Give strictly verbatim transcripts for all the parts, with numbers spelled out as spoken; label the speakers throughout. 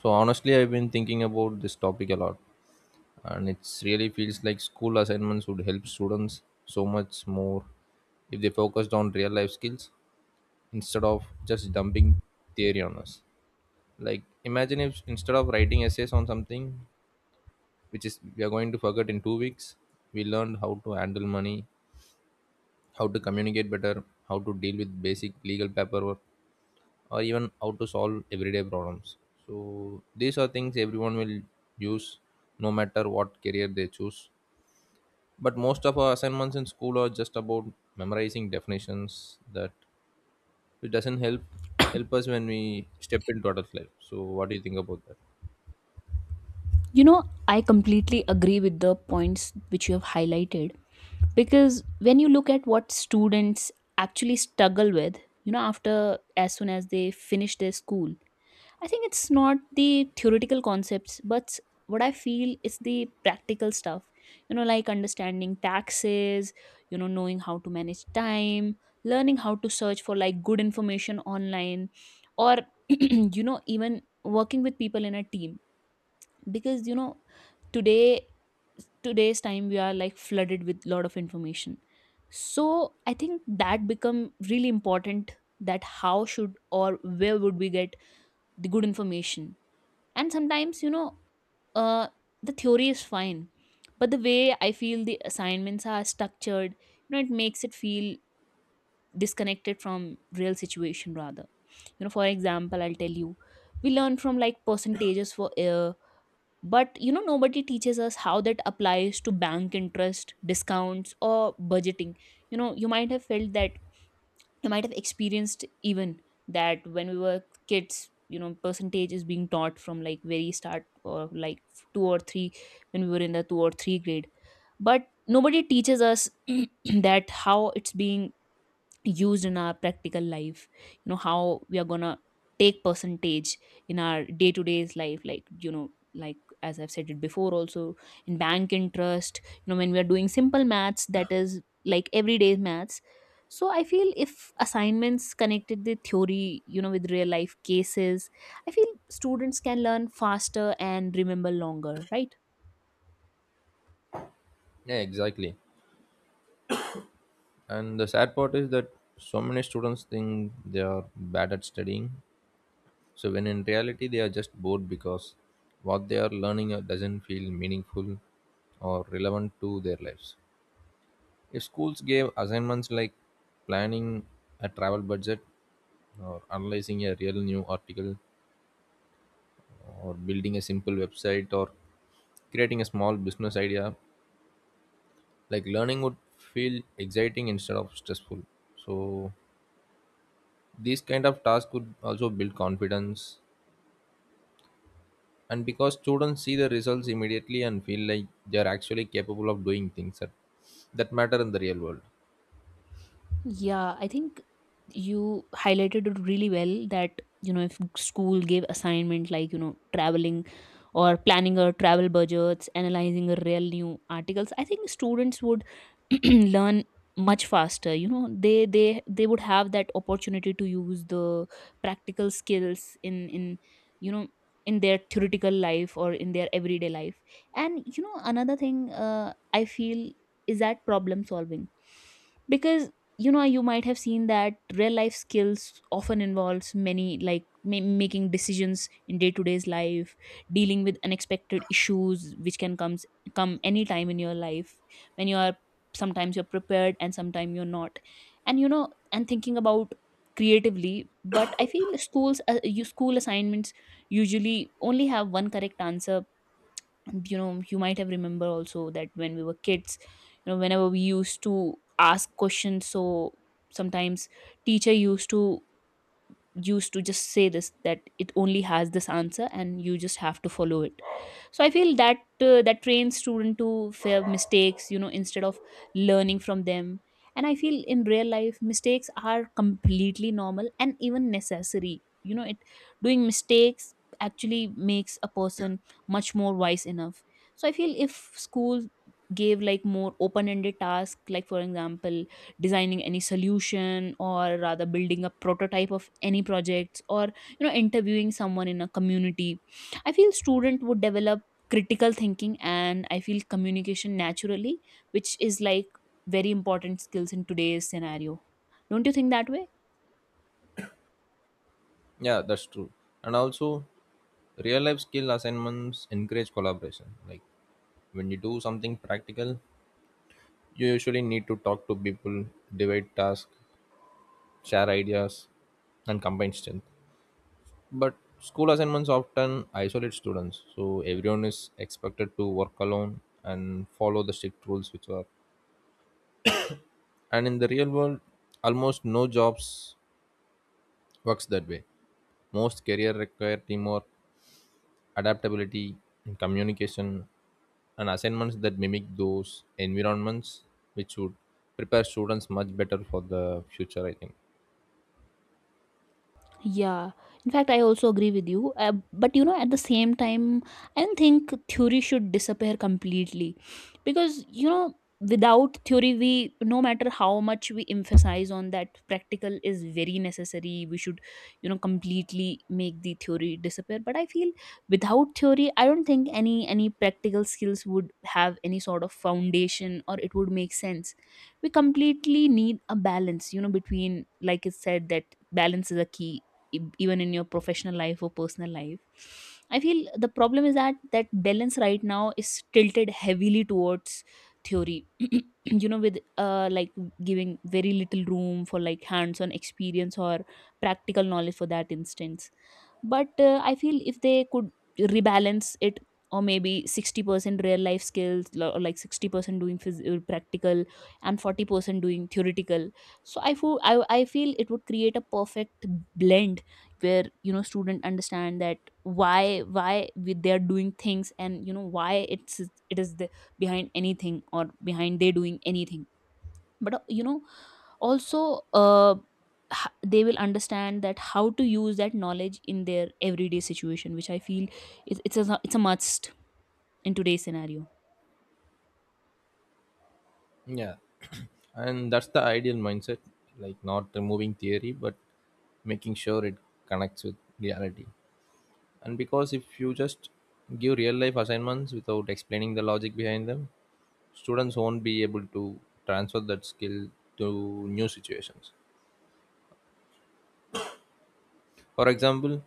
Speaker 1: So honestly, I've been thinking about this topic a lot, and it's really feels like school assignments would help students so much more if they focused on real life skills instead of just dumping theory on us. Like imagine if instead of writing essays on something which is we are going to forget in two weeks, we learned how to handle money, how to communicate better, how to deal with basic legal paperwork or even how to solve everyday problems. So these are things everyone will use no matter what career they choose. But most of our assignments in school are just about memorizing definitions that it doesn't help help us when we step into adult life. So what do you think about that?
Speaker 2: You know, I completely agree with the points which you have highlighted, because when you look at what students actually struggle with, you know, after as soon as they finish their school, I think it's not the theoretical concepts, but what I feel is the practical stuff, you know, like understanding taxes, you know, knowing how to manage time, learning how to search for like good information online, or, you know, even working with people in a team, because you know today today's time we are like flooded with lot of information. So I think that become really important, that how should or where would we get the good information. And sometimes, you know uh the theory is fine, but the way I feel the assignments are structured, you know it makes it feel disconnected from real situation. Rather, you know for example, I'll tell you, we learn from like percentages for air, but you know nobody teaches us how that applies to bank interest, discounts, or budgeting. you know you might have felt that, you might have experienced even, that when we were kids, you know percentage is being taught from like very start, or like two or three, when we were in the two or three grade. But nobody teaches us that how it's being used in our practical life. you know how we are gonna take percentage in our day-to-day's life, like you know like as I've said it before also, in bank interest, you know when we are doing simple maths, that is like everyday maths. So I feel if assignments connected the theory, you know with real life cases, I feel students can learn faster and remember longer, right?
Speaker 1: Yeah, exactly. And the sad part is that so many students think they are bad at studying. So when in reality, they are just bored because what they are learning uh, doesn't feel meaningful or relevant to their lives. If schools gave assignments like planning a travel budget, or analyzing a real new article, or building a simple website, or creating a small business idea, like learning would feel exciting instead of stressful. So these kind of tasks could also build confidence and because students see the results immediately and feel like they are actually capable of doing things that, that matter in the real world.
Speaker 2: Yeah, I think you highlighted it really well, that, you know, if school gave assignment like, you know, traveling or planning a travel budgets, analyzing a real new articles, I think students would learn much faster. You know, they they they would have that opportunity to use the practical skills in in you know in their theoretical life or in their everyday life. And you know, another thing, uh, I feel, is that problem solving, because you know you might have seen that real life skills often involves many like ma- making decisions in day to day's life, dealing with unexpected issues which can comes come any time in your life, when you are sometimes you're prepared and sometimes you're not. And you know and thinking about, creatively. But I feel schools uh, you school assignments usually only have one correct answer. you know you might have remember also that when we were kids, you know whenever we used to ask questions, so sometimes teacher used to used to just say this, that it only has this answer and you just have to follow it. So I feel that uh, that trains student to fear mistakes, you know instead of learning from them. And I feel in real life, mistakes are completely normal and even necessary. You know it doing mistakes actually makes a person much more wise enough. So I feel if school gave like more open ended task, like for example designing any solution, or rather building a prototype of any projects, or you know interviewing someone in a community, I feel student would develop critical thinking, and I feel communication, naturally, which is like very important skills in today's scenario. Don't you think that way?
Speaker 1: Yeah, that's true. And also, real life skill assignments encourage collaboration. Like when you do something practical you usually need to talk to people, divide tasks, share ideas and combine strength. But school assignments often isolate students, so everyone is expected to work alone and follow the strict rules which are, and in the real world almost no jobs works that way. Most career require teamwork, adaptability and communication, and assignments that mimic those environments, which would prepare students much better for the future, I think.
Speaker 2: Yeah, in fact, I also agree with you. Uh, but you know, at the same time, I don't think theory should disappear completely, because you know, without theory, we no matter how much we emphasize on that, practical is very necessary. We should, you know, completely make the theory disappear. But I feel without theory, I don't think any any practical skills would have any sort of foundation, or it would make sense. We completely need a balance, you know, between, like it said that balance is a key, e- even in your professional life or personal life. I feel the problem is that that balance right now is tilted heavily towards theory, you know with uh like giving very little room for like hands on experience or practical knowledge for that instance. But uh, I feel if they could rebalance it, or maybe sixty percent real life skills, lo- or like sixty percent doing phys- uh, practical, and forty percent doing theoretical. So I, feel I, I feel it would create a perfect blend, where you know student understand that why why we, they are doing things, and you know why it's it is the, behind anything, or behind they doing anything. But uh, you know, also, uh, h- they will understand that how to use that knowledge in their everyday situation, which I feel is it's a it's a must in today's scenario.
Speaker 1: Yeah, and that's the ideal mindset, like not removing theory but making sure it connects with reality. And because if you just give real life assignments without explaining the logic behind them, students won't be able to transfer that skill to new situations. For example,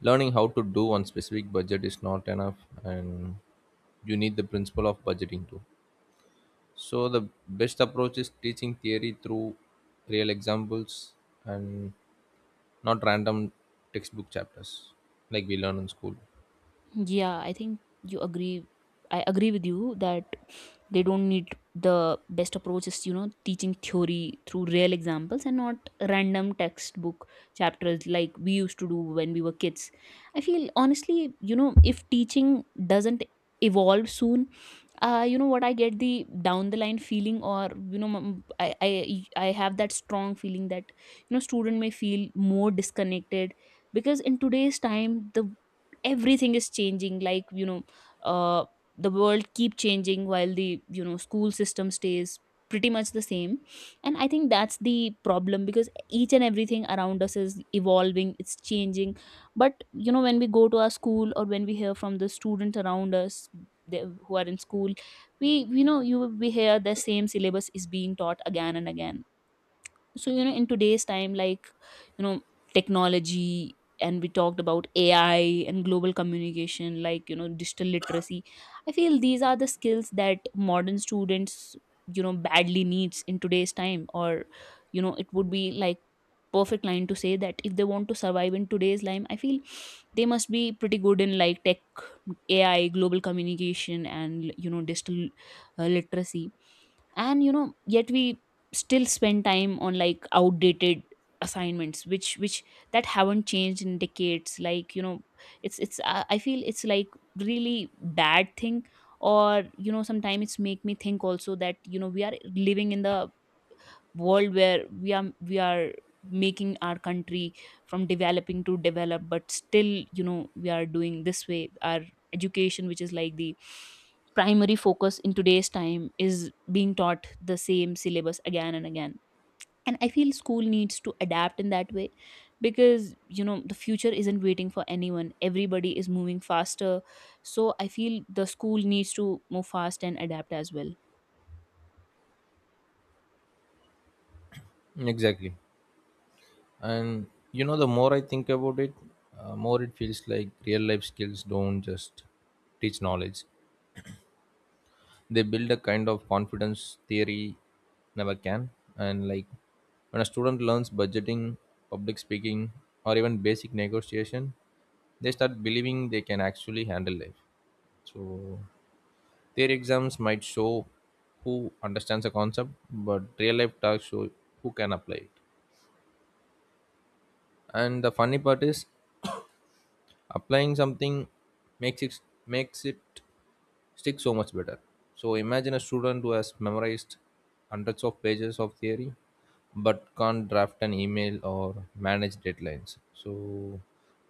Speaker 1: learning how to do on specific budget is not enough, and you need the principle of budgeting too. So the best approach is teaching theory through real examples, and not random textbook chapters like we learn in school.
Speaker 2: Yeah, I think you agree. I agree with you that they don't need. The best approach is, you know, teaching theory through real examples, and not random textbook chapters like we used to do when we were kids. I feel honestly, you know, if teaching doesn't evolve soon, uh, you know what, I get the down the line feeling, or, you know, m- I, I, I have that strong feeling that, you know, student may feel more disconnected, because in today's time, the everything is changing. Like you know uh, the world keep changing, while the, you know school system stays pretty much the same. And I think that's the problem, because each and everything around us is evolving, it's changing. But you know when we go to our school, or when we hear from the students around us, they, who are in school, we you know you we hear the same syllabus is being taught again and again. So you know in today's time, like you know technology, and we talked about AI and global communication, like you know digital literacy. I feel these are the skills that modern students, you know badly needs in today's time, or you know it would be like perfect line to say that if they want to survive in today's time. I feel they must be pretty good in like tech, AI, global communication, and you know digital, uh, literacy. And you know yet we still spend time on like outdated assignments, which which that haven't changed in decades, like you know it's it's I I feel it's like really bad thing. Or you know sometimes it's make me think also that, you know we are living in the world where we are we are making our country from developing to develop. But still, you know we are doing this way. Our education, which is like the primary focus in today's time, is being taught the same syllabus again and again. And I feel school needs to adapt in that way, because you know the future isn't waiting for anyone, everybody is moving faster. So I feel the school needs to move fast and adapt as well.
Speaker 1: Exactly. And you know, the more I think about it, uh, more it feels like real life skills don't just teach knowledge, they build a kind of confidence theory never can. And like, when a student learns budgeting, public speaking or even basic negotiation, they start believing they can actually handle life. So their exams might show who understands a concept, but real life tasks show who can apply it. And the funny part is, applying something makes it makes it stick so much better. So imagine a student who has memorized hundreds of pages of theory but can't draft an email or manage deadlines. So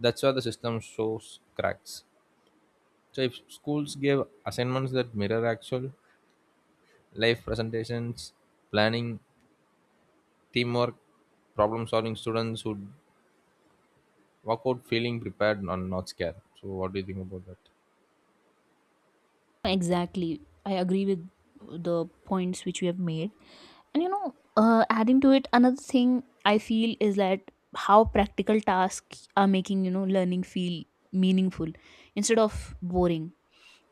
Speaker 1: that's where the system shows cracks. So if schools gave assignments that mirror actual life presentations, planning, teamwork, problem solving, students would walk out feeling prepared and not scared. So what do you think about that?
Speaker 2: Exactly. I agree with the points which you have made. And you know, uh, adding to it, another thing I feel is that how practical tasks are making, you know, learning feel meaningful instead of boring.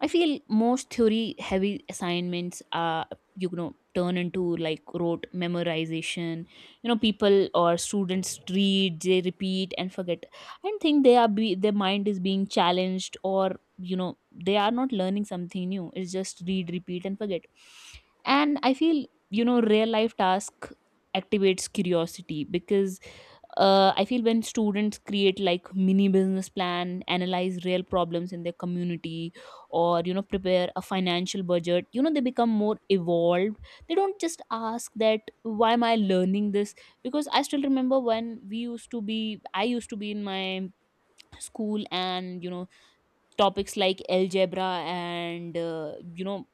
Speaker 2: I feel most theory heavy assignments are, you know, turn into like rote memorization. You know, people or students read, they repeat and forget. I don't think they are be their mind is being challenged, or you know they are not learning something new. It's just read, repeat and forget. And I feel you know real life task activates curiosity, because uh, I feel when students create like mini business plan, analyze real problems in their community, or you know prepare a financial budget, you know they become more evolved. They don't just ask that why am I learning this, because I still remember when we used to be I used to be in my school, and you know topics like algebra and, uh, you know,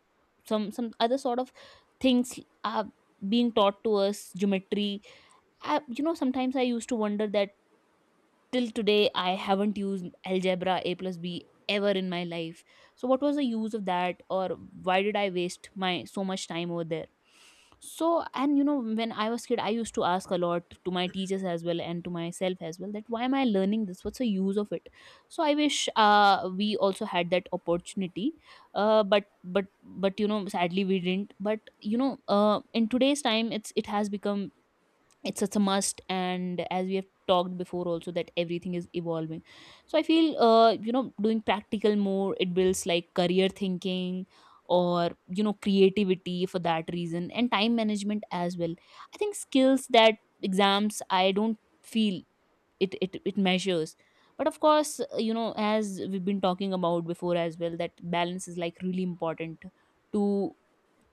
Speaker 2: some some other sort of things are being taught to us, geometry. I, you know Sometimes I used to wonder that till today I haven't used algebra, a plus b, ever in my life. So what was the use of that, or why did I waste my so much time over there? So, and you know when I was kid, I used to ask a lot to my teachers as well, and to myself as well, that why am I learning this, what's the use of it. So I wish, uh, we also had that opportunity. Uh, but but but you know sadly we didn't. But you know uh, in today's time, it's it has become, it's such a must, and as we have talked before also that everything is evolving. So I feel, uh, you know, doing practical more, it builds like career thinking, or you know creativity for that reason, and time management as well. I think skills that exams, I don't feel it it, it measures. But of course, uh, you know, as we've been talking about before as well, that balance is like really important to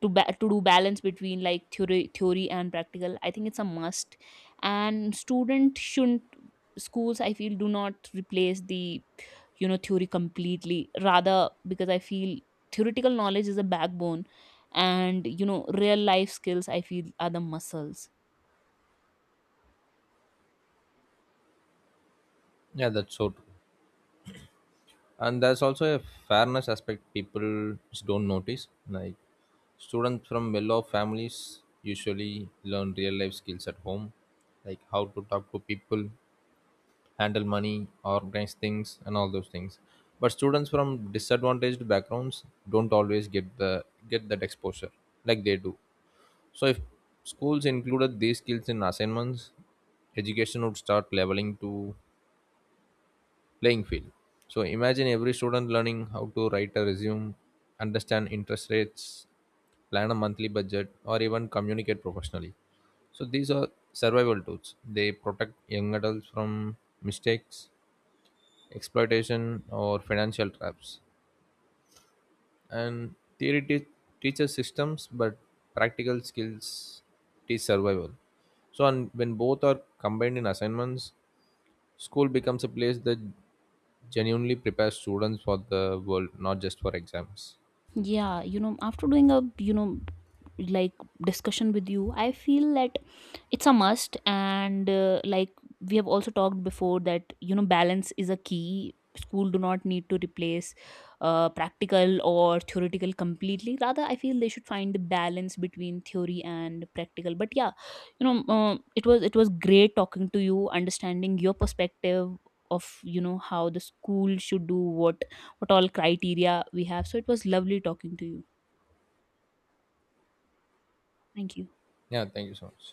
Speaker 2: to ba- to do balance between like theory theory and practical, I think it's a must. And student shouldn't. Schools, I feel, do not replace the, you know theory completely. Rather, because I feel theoretical knowledge is a backbone, and you know real life skills, I feel, are the muscles.
Speaker 1: Yeah, that's so true. And there's also a fairness aspect people just don't notice. Like students from well-off families usually learn real-life skills at home, like how to talk to people, handle money, organize things and all those things. But students from disadvantaged backgrounds don't always get the get that exposure like they do. So if schools included these skills in assignments, education would start leveling to playing field. So imagine every student learning how to write a resume, understand interest rates, plan a monthly budget, or even communicate professionally. So these are survival tools. They protect young adults from mistakes, exploitation, or financial traps. And theory te- teaches systems, but practical skills teach survival. So and when both are combined in assignments, school becomes a place that genuinely prepares students for the world, not just for exams.
Speaker 2: Yeah, you know, after doing a, you know, like discussion with you, I feel that it's a must. And, uh, like we have also talked before that, you know, balance is a key. School do not need to replace uh, practical or theoretical completely. Rather, I feel they should find the balance between theory and practical. But yeah, you know, uh, it was it was great talking to you, understanding your perspective of you know how the school should do, what what all criteria we have. So it was lovely talking to you. Thank you.
Speaker 1: Yeah, thank you so much.